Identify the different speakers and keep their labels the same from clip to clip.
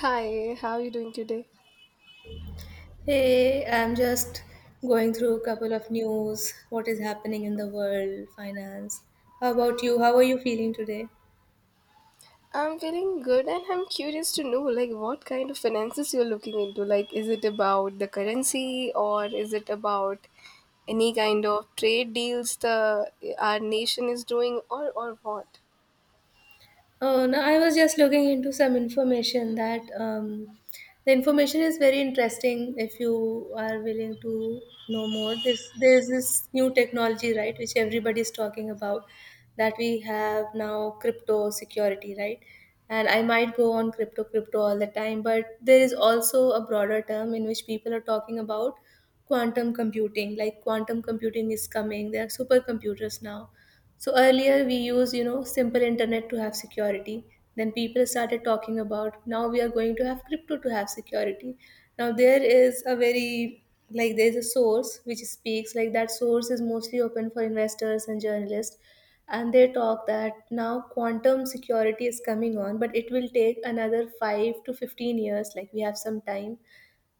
Speaker 1: Hi, how are you doing today?
Speaker 2: Hey, I'm just going through a couple of news, what is happening in the world, finance. How about you? How are you feeling today?
Speaker 1: I'm feeling good and I'm curious to know, like, what kind of finances you're looking into. Like, is it about the currency or is it about any kind of trade deals the our nation is doing or what?
Speaker 2: No, I was just looking into some information that, the information is very interesting if you are willing to know more. This there's this new technology, right, which everybody is talking about, that we have now crypto security, right? And I might go on crypto all the time, but there is also a broader term in which people are talking about quantum computing. Like, quantum computing is coming. There are supercomputers now, so earlier we used, you know, simple internet to have security. Then people started talking about now we are going to have crypto to have security. Now there is a very, like, there is a source which speaks, like that source is mostly open for investors and journalists, and they talk that now quantum security is coming on, but it will take another 5 to 15 years, like we have some time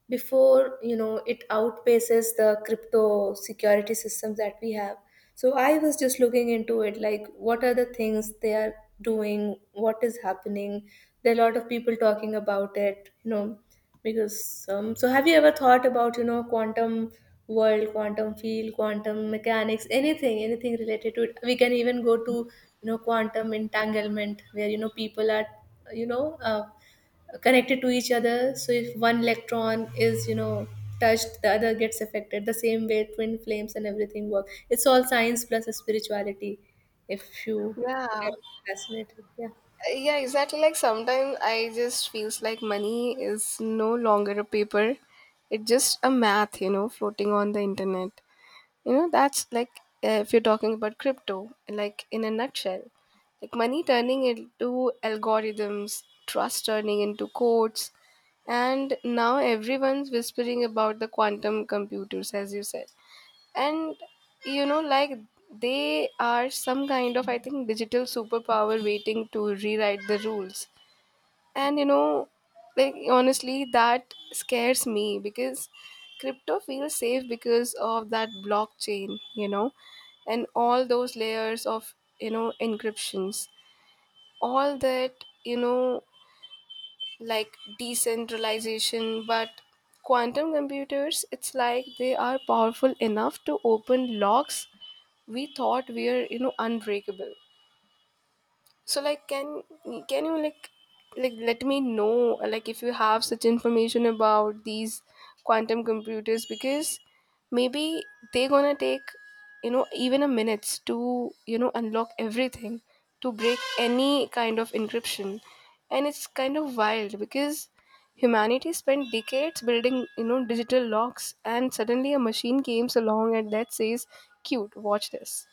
Speaker 2: before, you know, it outpaces the crypto security systems that we have. So I was just looking into it, like what are the things they are doing, what is happening. There are a lot of people talking about it, you know, because, so have you ever thought about, you know, quantum world, quantum field, quantum mechanics, anything related to it? We can even go to, you know, quantum entanglement, where, you know, people are, you know uh, connected to each other. So if one electron is, you know, touched, the other gets affected the same way. Twin flames and everything work, it's all science plus spirituality, if you are
Speaker 1: Yeah.
Speaker 2: fascinated. Yeah.
Speaker 1: Yeah, exactly. Like, sometimes I just feels like money is no longer a paper. It's just a math, you know, floating on the internet. You know, that's like if you're talking about crypto, like in a nutshell, like money turning into algorithms, trust turning into codes, and now everyone's whispering about the quantum computers, as you said. And you know, like, they are some kind of, I think, digital superpower waiting to rewrite the rules. And you know, like, honestly, that scares me because crypto feels safe because of that blockchain, you know, and all those layers of, you know, encryptions. All that, you know, like, decentralization, but quantum computers, it's like they are powerful enough to open locks we thought were, you know, unbreakable. So, like, can you, like let me know, like if you have such information about these quantum computers, because maybe they're gonna take, you know, even a minutes to, you know, unlock everything, to break any kind of encryption. And it's kind of wild because humanity spent decades building, you know, digital locks, and suddenly a machine comes along and that says, cute, watch this.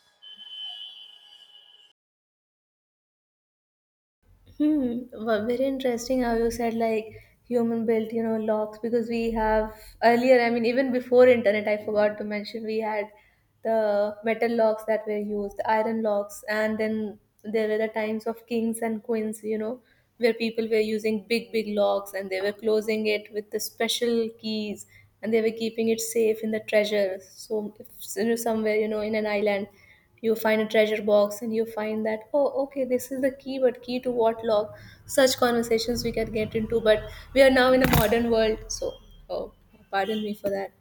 Speaker 2: Hmm. Well, very interesting how you said like human built, you know, locks, because we have earlier, I mean, even before internet, I forgot to mention, we had the metal locks that were used, the iron locks, and then there were the times of kings and queens, you know, where people were using big, big locks and they were closing it with the special keys, and they were keeping it safe in the treasure. So, if you know, somewhere, you know, in an island you find a treasure box and you find that, oh, okay, this is the key, but key to what lock? Such conversations we can get into, but we are now in a modern world, so, oh, pardon me for that.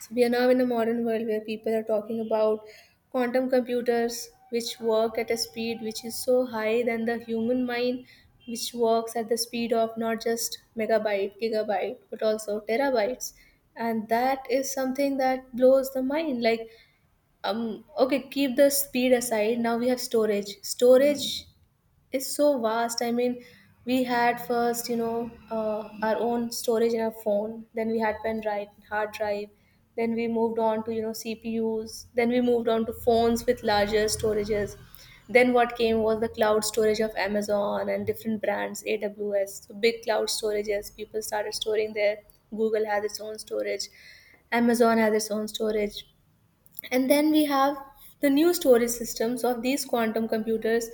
Speaker 2: So we are now in a modern world where people are talking about quantum computers, which work at a speed which is so high than the human mind, which works at the speed of not just megabyte, gigabyte, but also terabytes. And that is something that blows the mind. Like, okay, keep the speed aside. Now we have storage. Storage is so vast. I mean, we had first, you know, our own storage in our phone. Then we had pen drive, hard drive. Then we moved on to, you know, CPUs. Then we moved on to phones with larger storages. Then what came was the cloud storage of Amazon and different brands, AWS. So big cloud storages. People started storing there. Google has its own storage. Amazon has its own storage. And then we have the new storage systems of these quantum computers,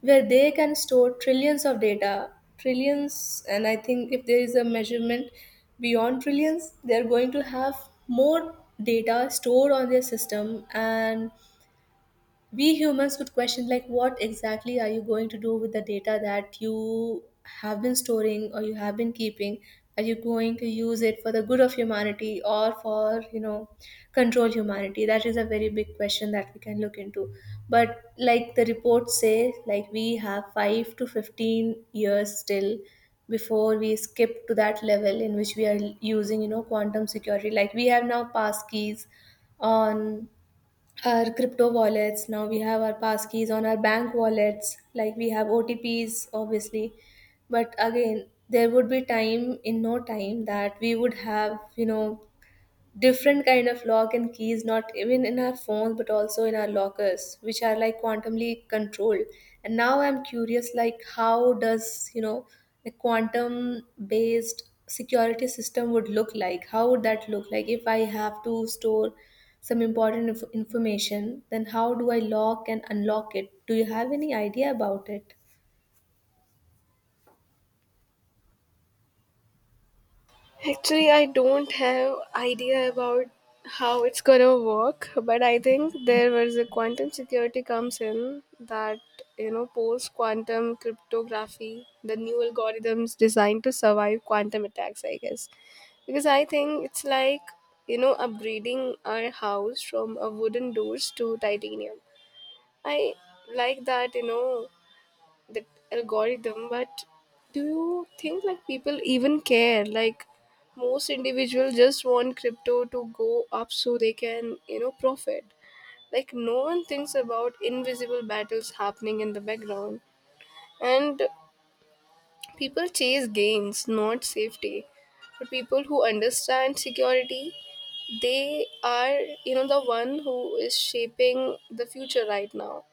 Speaker 2: where they can store trillions of data. Trillions, and I think if there is a measurement beyond trillions, they're going to have more data stored on their system, and we humans would question like, what exactly are you going to do with the data that you have been storing or you have been keeping? Are you going to use it for the good of humanity or for, you know, control humanity? That is a very big question that we can look into. But like the reports say, like we have 5 to 15 years still, before we skip to that level in which we are using, you know, quantum security. Like we have now passkeys on our crypto wallets. Now we have our passkeys on our bank wallets. Like we have OTPs, obviously. But again, there would be time, in no time, that we would have, you know, different kind of lock and keys, not even in our phones, but also in our lockers, which are like quantumly controlled. And now I'm curious, like, how does, you know, a quantum based security system would look like? How would that look like if I have to store some important information? Then how do I lock and unlock it? Do you have any idea about it?
Speaker 1: Actually, I don't have idea about how it's gonna work, but I think there was a quantum security comes in, that, you know, post quantum cryptography, the new algorithms designed to survive quantum attacks. I guess because I think it's like, you know, upgrading our house from a wooden doors to titanium. I like that, you know, that algorithm. But do you think like people even care? Like most individuals just want crypto to go up so they can, you know, profit. Like no one thinks about invisible battles happening in the background, and people chase gains, not safety. But people who understand security, they are, you know, the one who is shaping the future right now.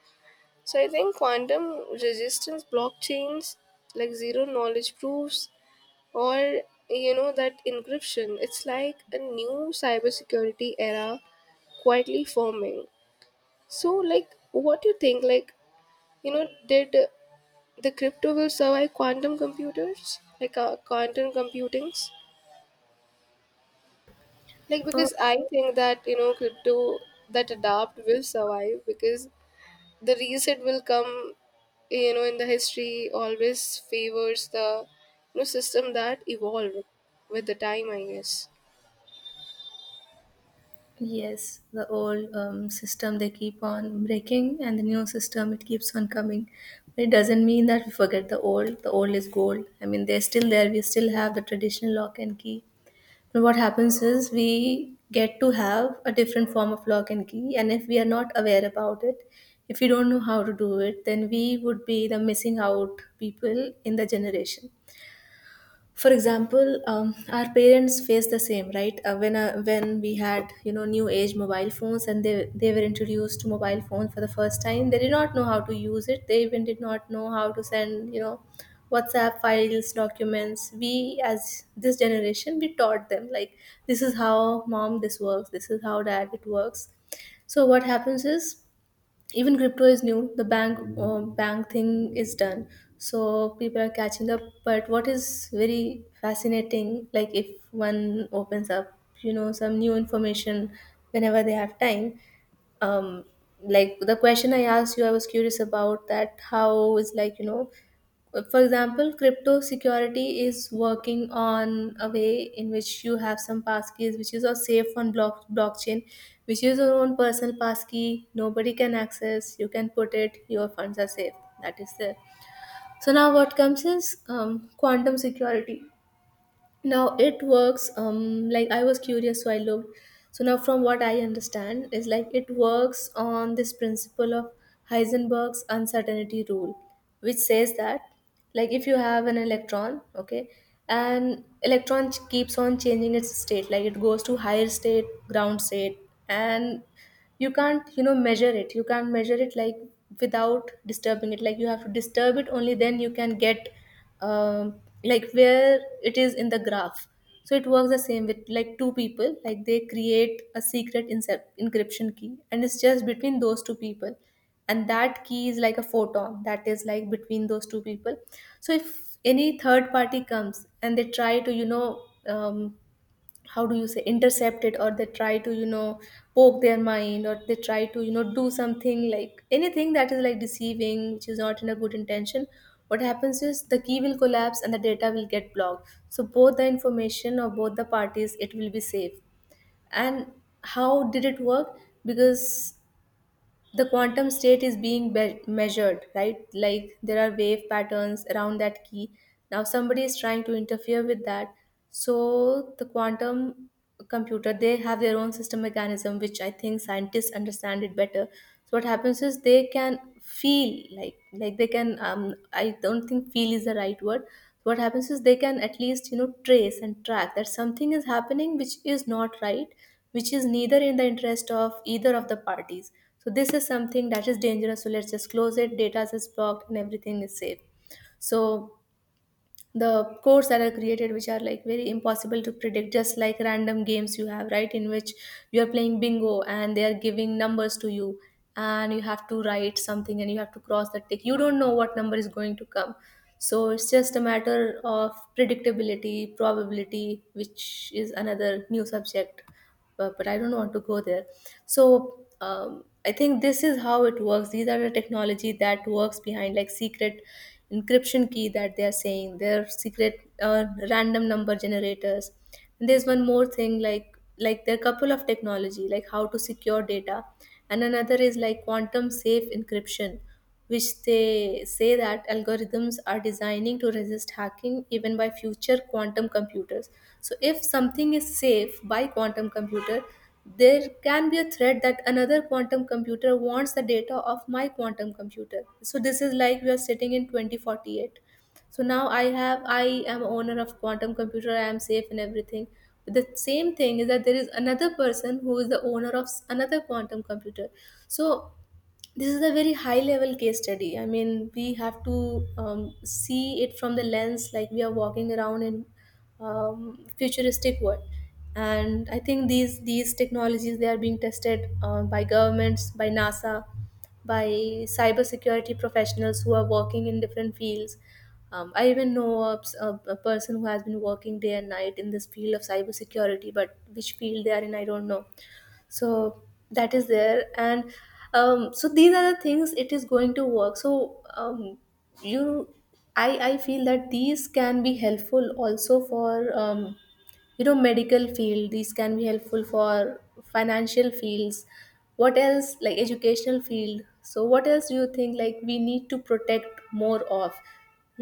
Speaker 1: So I think quantum resistance blockchains, like zero knowledge proofs, or, you know, that encryption, it's like a new cybersecurity era quietly forming. So like, what do you think? Like, you know, did the crypto will survive quantum computers, like quantum computings? Like because I think that, you know, crypto that adapt will survive because the reset will come, you know, in the history always favors the, you know, system that evolve with the time, I guess.
Speaker 2: Yes, the old, system, they keep on breaking, and the new system, it keeps on coming. But it doesn't mean that we forget the old. The old is gold. I mean, they're still there. We still have the traditional lock and key. But what happens is we get to have a different form of lock and key, and if we are not aware about it, if we don't know how to do it, then we would be the missing out people in the generation. For example, our parents faced the same, right? When when we had, you know, new age mobile phones, and they were introduced to mobile phones for the first time, they did not know how to use it. They even did not know how to send, you know, WhatsApp files, documents. We, as this generation, we taught them like, this is how, mom, this works, this is how, dad, it works. So what happens is, even crypto is new, the bank thing is done. So people are catching up. But what is very fascinating, like, if one opens up, you know, some new information whenever they have time, um, like the question I asked you, I was curious about that. How is, like, you know, for example, crypto security is working on a way in which you have some passkeys, which is all safe on blockchain, which is your own personal passkey, nobody can access, you can put it, your funds are safe, that is there. So now what comes is, quantum security. Now it works, um, like I was curious, so I looked. So now from what I understand is, like, it works on this principle of Heisenberg's uncertainty rule, which says that, like, if you have an electron, okay, and electron keeps on changing its state, like it goes to higher state, ground state, and you can't, you know, measure it, you can't measure it like without disturbing it. Like, you have to disturb it, only then you can get, um, like where it is in the graph. So it works the same with like two people. Like, they create a secret encryption key, and it's just between those two people, and that key is like a photon that is like between those two people. So if any third party comes and they try to, you know, how do you say, intercept it, or they try to, you know, poke their mind, or they try to, you know, do something, like anything that is like deceiving, which is not in a good intention, what happens is the key will collapse, and the data will get blocked, so both the information or both the parties, it will be safe. And how did it work? Because the quantum state is being measured, right? Like there are wave patterns around that key. Now somebody is trying to interfere with that. So the quantum computer, they have their own system mechanism, which I think scientists understand it better. So what happens is they can feel like they can, um, I don't think feel is the right word. What happens is they can at least, you know, trace and track that something is happening which is not right, which is neither in the interest of either of the parties. So this is something that is dangerous, so let's just close it, data is blocked, and everything is safe. So the codes that are created, which are like very impossible to predict, just like random games you have, right, in which you are playing bingo and they are giving numbers to you, and you have to write something and you have to cross that tick, you don't know what number is going to come. So it's just a matter of predictability, probability, which is another new subject. But I don't want to go there. So, I think this is how it works. These are the technology that works behind like secret encryption key that they are saying, their secret, random number generators. And there's one more thing, like there are couple of technology, like how to secure data, and another is like quantum safe encryption, which they say that algorithms are designing to resist hacking even by future quantum computers. So, if something is safe by quantum computer, there can be a threat that another quantum computer wants the data of my quantum computer. So, this is like we are sitting in 2048. So now I am owner of quantum computer. I am safe and everything. But the same thing is that there is another person who is the owner of another quantum computer. So this is a very high level case study. I mean, we have to see it from the lens like we are walking around in futuristic world. And I think these technologies, they are being tested by governments, by NASA, by cybersecurity professionals who are working in different fields. I even know a person who has been working day and night in this field of cybersecurity, but which field they are in, I don't know. So that is there. And so these are the things it is going to work. So you I feel that these can be helpful also for, you know, medical field. These can be helpful for financial fields, what else, like educational field. So what else do you think, like we need to protect more of?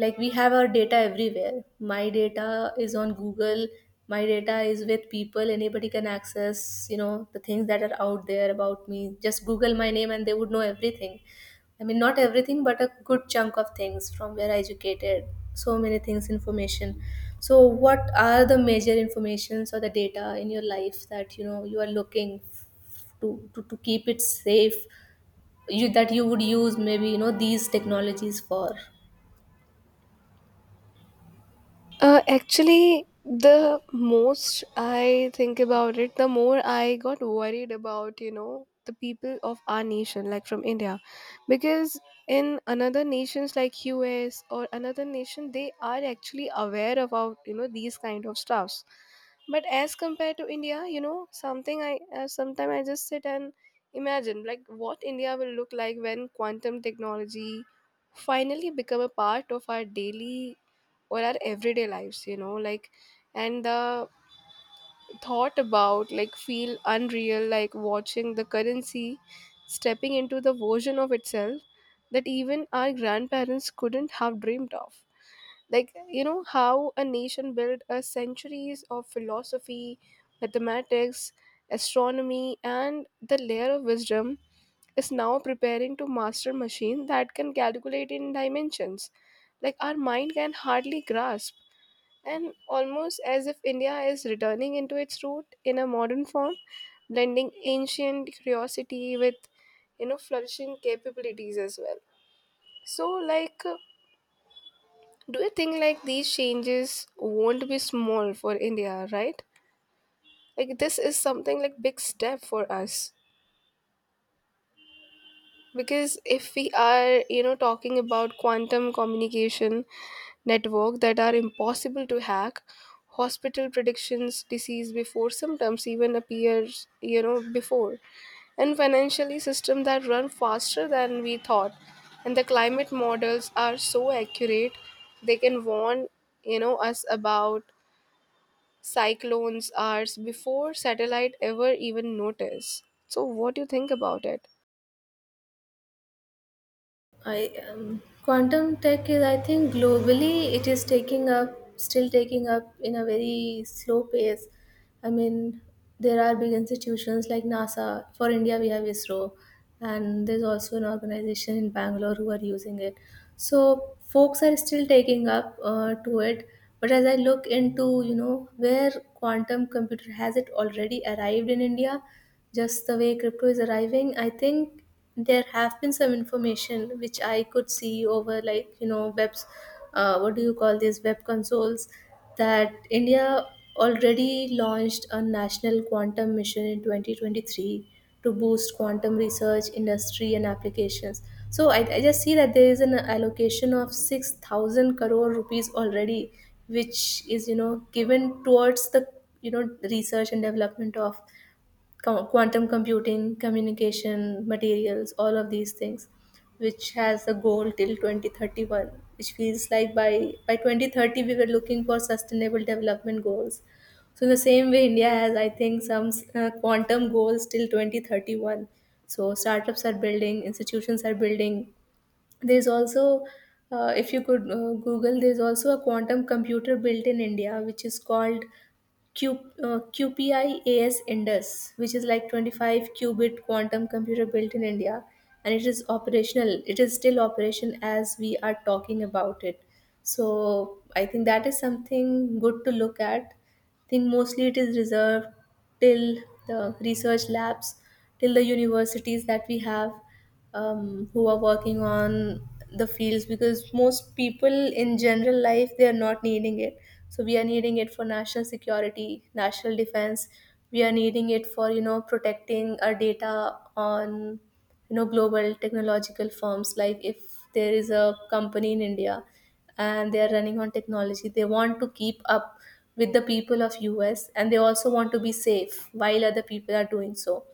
Speaker 2: Like, we have our data everywhere. My data is on Google, my data is with people, anybody can access, you know, the things that are out there about me. Just google my name and they would know everything. I mean, not everything, but a good chunk of things, from where I educated, so many things, information. So what are the major informations or the data in your life that, you know, you are looking to keep it safe, you, that you would use, maybe, you know, these technologies for?
Speaker 1: Actually, the most I think about it, the more I got worried about, you know, the people of our nation, like from India. Because in another nations like US or another nation, they are actually aware about, you know, these kind of stuffs. But as compared to India, you know, something I, sometime I just sit and imagine, like, what India will look like when quantum technology finally become a part of our daily or our everyday lives, you know, like, and the thought about, like, feel unreal, like watching the currency stepping into the version of itself that even our grandparents couldn't have dreamed of. Like, you know, how a nation built a centuries of philosophy, mathematics, astronomy, and the layer of wisdom is now preparing to master machine that can calculate in dimensions like our mind can hardly grasp. And almost as if India is returning into its root in a modern form, blending ancient curiosity with, you know, flourishing capabilities as well. So, like, do you think like these changes won't be small for India, right? Like, this is something like big step for us. Because if we are, you know, talking about quantum communication network that are impossible to hack, hospital predictions disease before symptoms even appears, you know, before, and financially system that run faster than we thought, and the climate models are so accurate they can warn, you know, us about cyclones hours before satellite ever even notice. So what do you think about it?
Speaker 2: I quantum tech is, I think, globally, it is taking up still taking up in a very slow pace. I mean, there are big institutions like NASA. For India, we have ISRO, and there's also an organization in Bangalore who are using it. So folks are still taking up to it. But as I look into, you know, where quantum computer has it already arrived in India, just the way crypto is arriving, I think there have been some information which I could see over, like, you know, webs, what do you call these web consoles? That India already launched a national quantum mission in 2023 to boost quantum research, industry, and applications. So I just see that there is an allocation of 6,000 crore rupees already, which is, you know, given towards the, you know, research and development of quantum computing, communication, materials, all of these things, which has a goal till 2031, which feels like by 2030 we were looking for sustainable development goals. So, in the same way, India has, I think, some quantum goals till 2031. So, startups are building, institutions are building. There's also, if you could Google, there's also a quantum computer built in India, which is called Q, QPIAS Indus, which is like 25 qubit quantum computer built in India, and it is operational. It is still operation as we are talking about it. So I think that is something good to look at. I think mostly it is reserved till the research labs, till the universities that we have, who are working on the fields, because most people in general life, they are not needing it. So we are needing it for national security, national defense. We are needing it for, you know, protecting our data on, you know, global technological firms. Like, if there is a company in India and they are running on technology, they want to keep up with the people of US, and they also want to be safe while other people are doing so.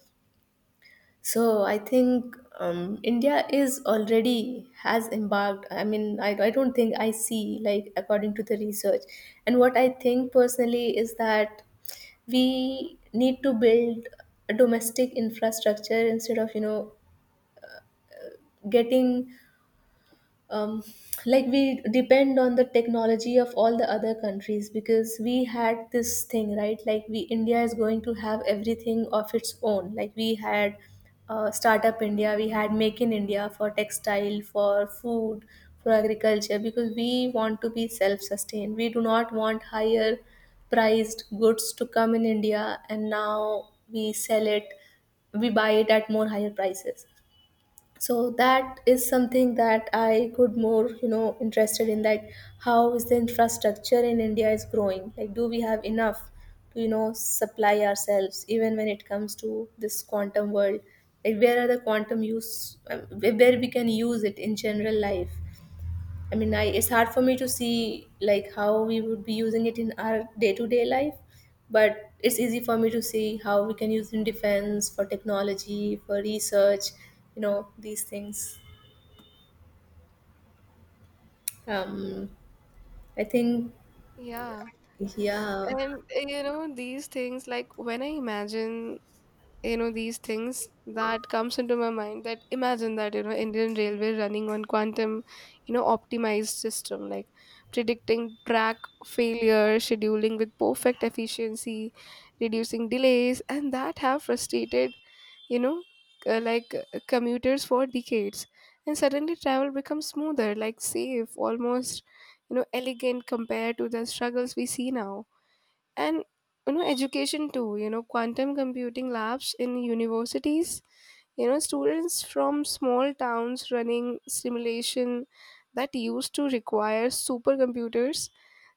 Speaker 2: So I think, India is already has embarked. I mean, I don't think I see, like according to the research. And what I think personally is that we need to build a domestic infrastructure instead of, you know, getting um, like, we depend on the technology of all the other countries, because we had this thing, right? Like, we India is going to have everything of its own. Like, we had Startup India, we had Make in India, for textile, for food, for agriculture, because we want to be self sustained. We do not want higher priced goods to come in India, and now we sell it, we buy it at more higher prices. So that is something that I could more, you know, interested in that, how is the infrastructure in India is growing, like, do we have enough to, you know, supply ourselves even when it comes to this quantum world? Like, where are the quantum use, where we can use it in general life? I mean, I, it's hard for me to see like how we would be using it in our day-to-day life, but it's easy for me to see how we can use it in defense, for technology, for research, you know, these things. Um, I think,
Speaker 1: Yeah.
Speaker 2: yeah.
Speaker 1: And you know, these things, like when I imagine, you know, these things that comes into my mind, that imagine that, you know, Indian Railway running on quantum, you know, optimized system, like predicting track failure, scheduling with perfect efficiency, reducing delays, and that have frustrated, you know, commuters for decades. And suddenly travel becomes smoother, like safe, almost, you know, elegant compared to the struggles we see now. And you know, education too, you know, quantum computing labs in universities, you know, students from small towns running simulation that used to require supercomputers,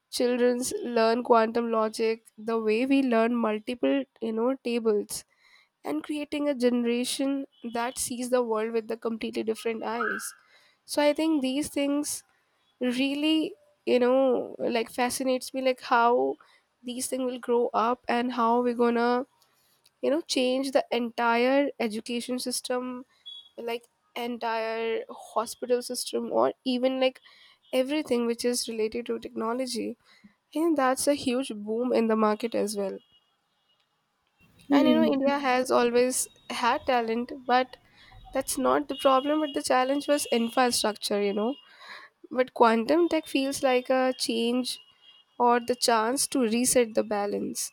Speaker 1: children's learn quantum logic the way we learn multiple, you know, tables, and creating a generation that sees the world with the completely different eyes. So I think these things really, you know, like fascinates me, like how these things will grow up and how we're gonna, you know, change the entire education system, like entire hospital system, or even like everything which is related to technology. And that's a huge boom in the market as well. And you know,
Speaker 2: Hmm.
Speaker 1: India has always had talent, but that's not the problem. But the challenge was infrastructure, you know, but quantum tech feels like a change or the chance to reset the balance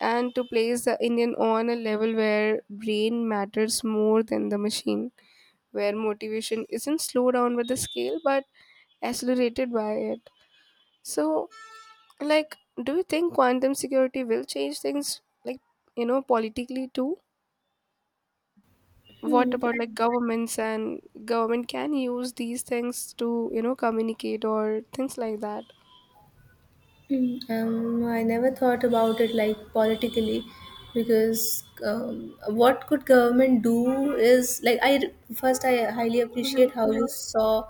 Speaker 1: and to place the Indian on a level where brain matters more than the machine, where motivation isn't slowed down with the scale but accelerated by it. So, like, do you think quantum security will change things, like, you know, politically too?
Speaker 2: Hmm.
Speaker 1: What about like governments, and government can use these things to, you know, communicate or things like that?
Speaker 2: I never thought about it like politically, because um, what could government do is like, I, first, I highly appreciate how you saw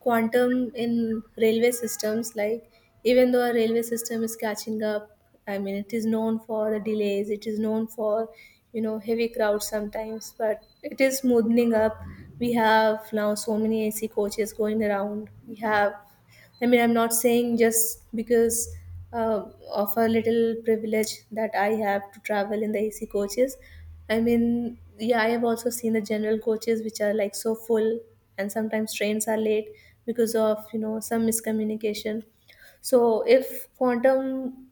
Speaker 2: quantum in railway systems. Like, even though our railway system is catching up, I mean, it is known for the delays, it is known for, you know, heavy crowds sometimes, but it is smoothing up. We have now so many AC coaches going around, we have, I mean, I'm not saying just because uh, of a little privilege that I have to travel in the AC coaches. I mean, yeah, I have also seen the general coaches which are like so full, and sometimes trains are late because of, you know, some miscommunication. So if quantum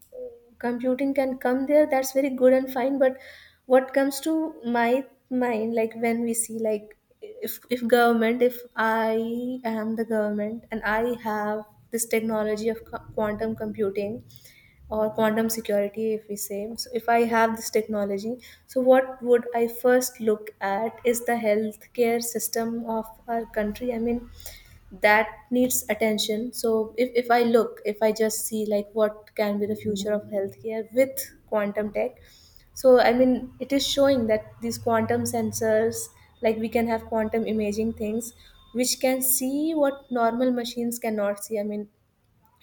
Speaker 2: computing can come there, that's very good and fine. But what comes to my mind, like when we see like, if government, if I am the government and I have this technology of quantum computing or quantum security, if we say so, if I have this technology, so what would I first look at is the healthcare system of our country. I mean, that needs attention. So if I look, if I just see like what can be the future of healthcare with quantum tech. So I mean, it is showing that these quantum sensors, like we can have quantum imaging things which can see what normal machines cannot see. I mean,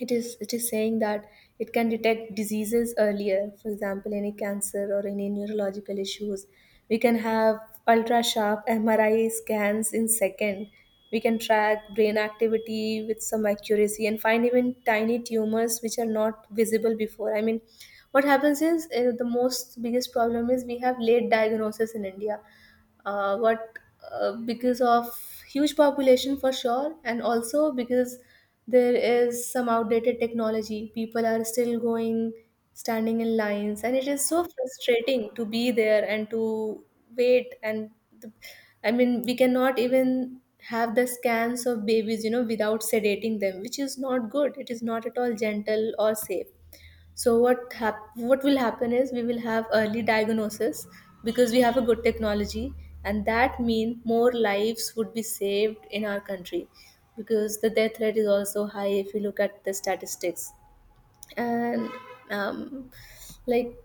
Speaker 2: it is, it is saying that it can detect diseases earlier, for example, any cancer or any neurological issues. We can have ultra sharp MRI scans in second, we can track brain activity with some accuracy and find even tiny tumors which are not visible before. I mean, what happens is, the most biggest problem is we have late diagnosis in India. What because of huge population, for sure, and also because there is some outdated technology, people are still going, standing in lines, and it is so frustrating to be there and to wait. And the, I mean, we cannot even have the scans of babies, you know, without sedating them, which is not good, it is not at all gentle or safe. So what will happen is we will have early diagnosis because we have a good technology, and that mean more lives would be saved in our country, because the death rate is also high if you look at the statistics. And um, like,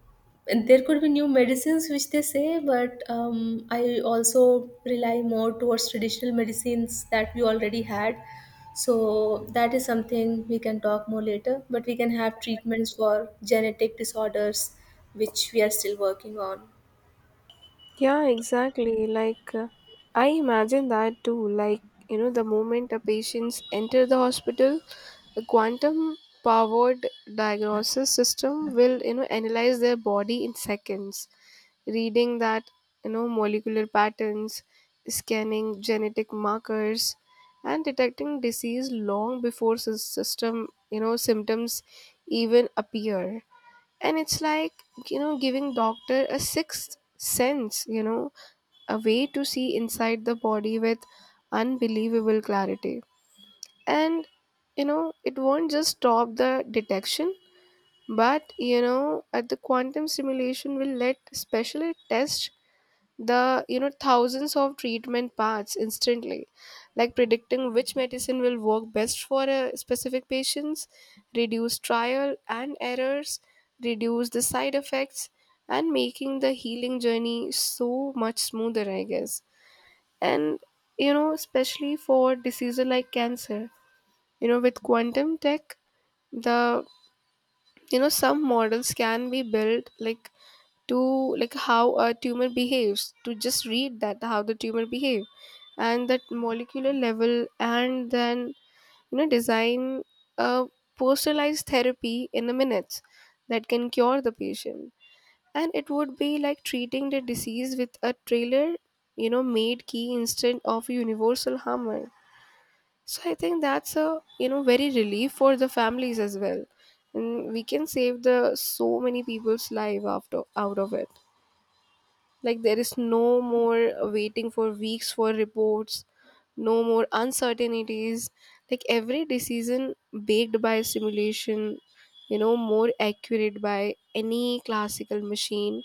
Speaker 2: there could be new medicines which they say, but I also rely more towards traditional medicines that we already had. So that is something we can talk more later, but we can have treatments for genetic disorders which we are still working on.
Speaker 1: Yeah, exactly. Like, I imagine that too. Like, you know, the moment a patients enter the hospital, the quantum powered diagnosis system will, you know, analyze their body in seconds, reading that, you know, molecular patterns, scanning genetic markers, and detecting disease long before system, you know, symptoms even appear. And it's like, you know, giving doctor a sixth sense, you know, a way to see inside the body with unbelievable clarity. And you know, it won't just stop the detection, but you know, at the quantum simulation will let specialist test the, you know, thousands of treatment paths instantly, like predicting which medicine will work best for a specific patients, reduce trial and errors, reduce the side effects, and making the healing journey so much smoother, I guess. And you know, especially for diseases like cancer, you know, with quantum tech, the, you know, some models can be built, like, to, like, how a tumor behaves, to just read that how the tumor behaves and that molecular level, and then, you know, design a personalized therapy in the minutes that can cure the patient. And it would be like treating the disease with a trailer, you know, made key instead of universal hammer. So I think that's a, you know, very relief for the families as well, and we can save the so many people's life after out of it. Like there is no more waiting for weeks for reports, no more uncertainties. Like every decision baked by simulation, you know, more accurate by any classical machine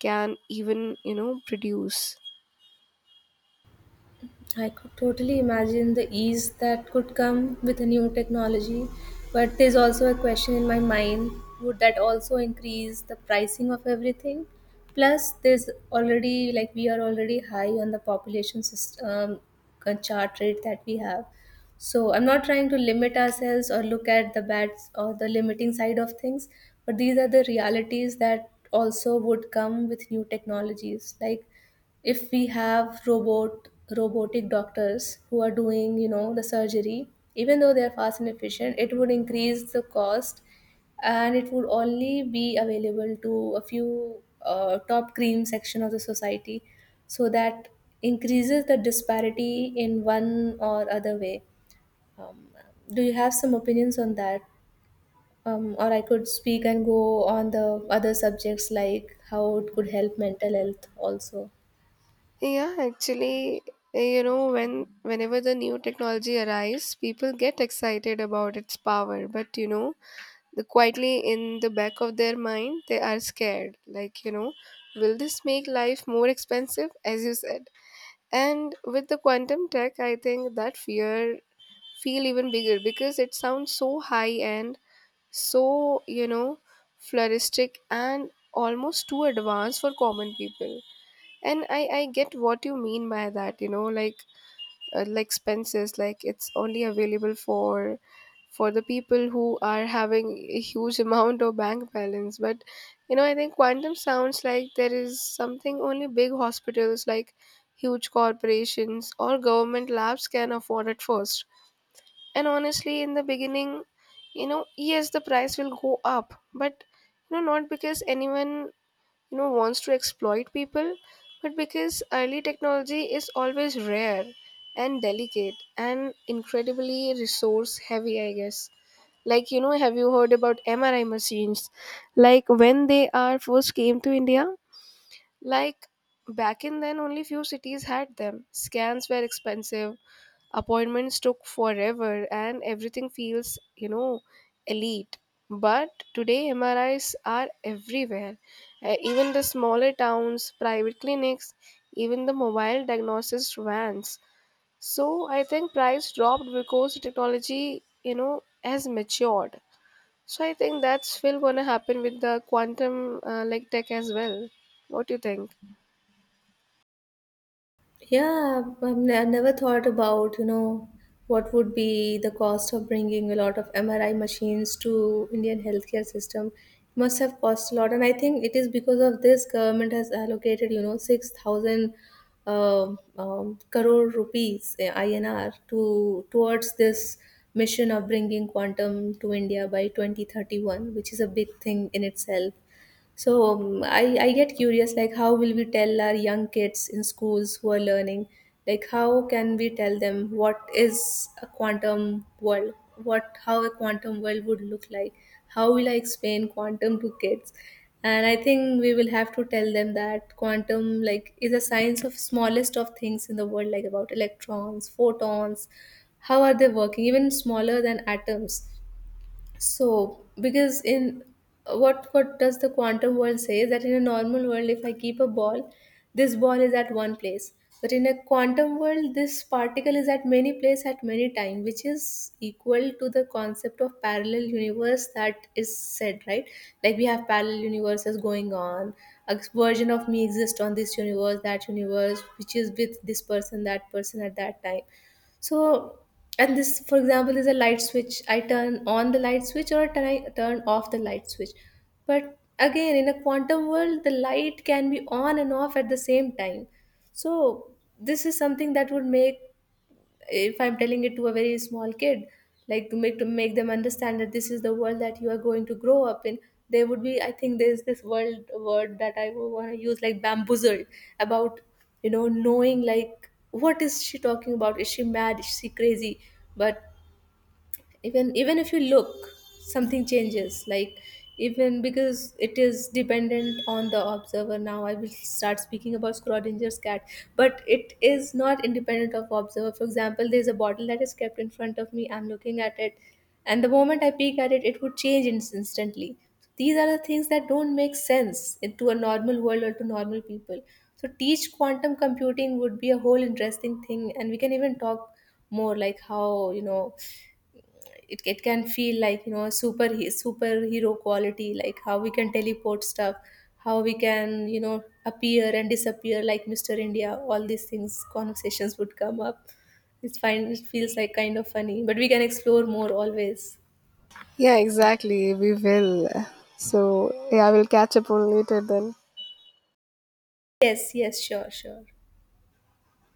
Speaker 1: can even, you know, produce.
Speaker 2: I could totally imagine the ease that could come with a new technology, but there's also a question in my mind, would that also increase the pricing of everything? Plus, there's already, like, we are already high on the population system, chart rate that we have. So, I'm not trying to limit ourselves or look at the bad or the limiting side of things, but these are the realities that also would come with new technologies. Like, if we have robotic doctors who are doing, you know, the surgery, even though they are fast and efficient, it would increase the cost, and it would only be available to a few, top cream section of the society. So that increases the disparity in one or other way. um, do you have some opinions on that? Or I could speak and go on the other subjects, like how it could help mental health also.
Speaker 1: Yeah, actually, you know, when whenever the new technology arrives people get excited about its power, but you know, the quietly in the back of their mind they are scared, like, you know, will this make life more expensive, as you said. And with the quantum tech, I think that fear feel even bigger because it sounds so high end, so you know, floristic and almost too advanced for common people. And I get what you mean by that, you know, like, like expenses, like it's only available for the people who are having a huge amount of bank balance. But you know, I think quantum sounds like there is something only big hospitals, like huge corporations or government labs can afford at first. And honestly, in the beginning, you know, yes, the price will go up, but you know, not because anyone, you know, wants to exploit people, but because early technology is always rare and delicate and incredibly resource heavy, I guess. Like you know, have you heard about MRI machines, like when they are first came to India? Like back in then, only few cities had them. Scans were expensive, appointments took forever, and everything feels, you know, elite. But today, MRIs are everywhere. Even the smaller towns, private clinics, even the mobile diagnosis vans. So I think price dropped because technology, you know, has matured. So I think that's still gonna happen with the quantum like tech as well. What do you think?
Speaker 2: Yeah, I've never thought about, you know, what would be the cost of bringing a lot of MRI machines to Indian healthcare system. It must have cost a lot, and I think it is because of this, government has allocated, you know, 6,000 crore rupees INR to towards this mission of bringing quantum to India by 2031, which is a big thing in itself. So I get curious, like how will we tell our young kids in schools who are learning, like, how can we tell them what is a quantum world, what, how a quantum world would look like, how will I explain quantum to kids? And I think we will have to tell them that quantum, like, is a science of smallest of things in the world, like about electrons, photons, how are they working, even smaller than atoms. So, because in, what does the quantum world say is that in a normal world, if I keep a ball, this ball is at one place. But in a quantum world, this particle is at many place at many time, which is equal to the concept of parallel universe that is said, right? Like, we have parallel universes going on. A version of me exists on this universe, that universe, which is with this person, that person at that time. So, and this, for example, is a light switch. I turn on the light switch, or I turn off the light switch. But again, in a quantum world, the light can be on and off at the same time. So this is something that would make, if I'm telling it to a very small kid, like to make them understand that this is the world that you are going to grow up in, there would be, I think, there's this world word that I would want to use, like bamboozled, about, you know, knowing like what is she talking about, is she mad, is she crazy. But even, even if you look, something changes, like, even because it is dependent on the observer. Now I will start speaking about Schrodinger's cat, but it is not independent of observer. For example, there's a bottle that is kept in front of me, I'm looking at it, and the moment I peek at it, it would change instantly. These are the things that don't make sense to a normal world or to normal people. So teach quantum computing would be a whole interesting thing, and we can even talk more, like how, you know, it can feel like, you know, a superhero quality, like how we can teleport stuff, how we can, you know, appear and disappear like Mr. India, all these things, conversations would come up. It's fine, it feels like kind of funny, but we can explore more always.
Speaker 1: Yeah, exactly. We will. So, yeah, we'll catch up on later then.
Speaker 2: Yes, yes, sure, sure.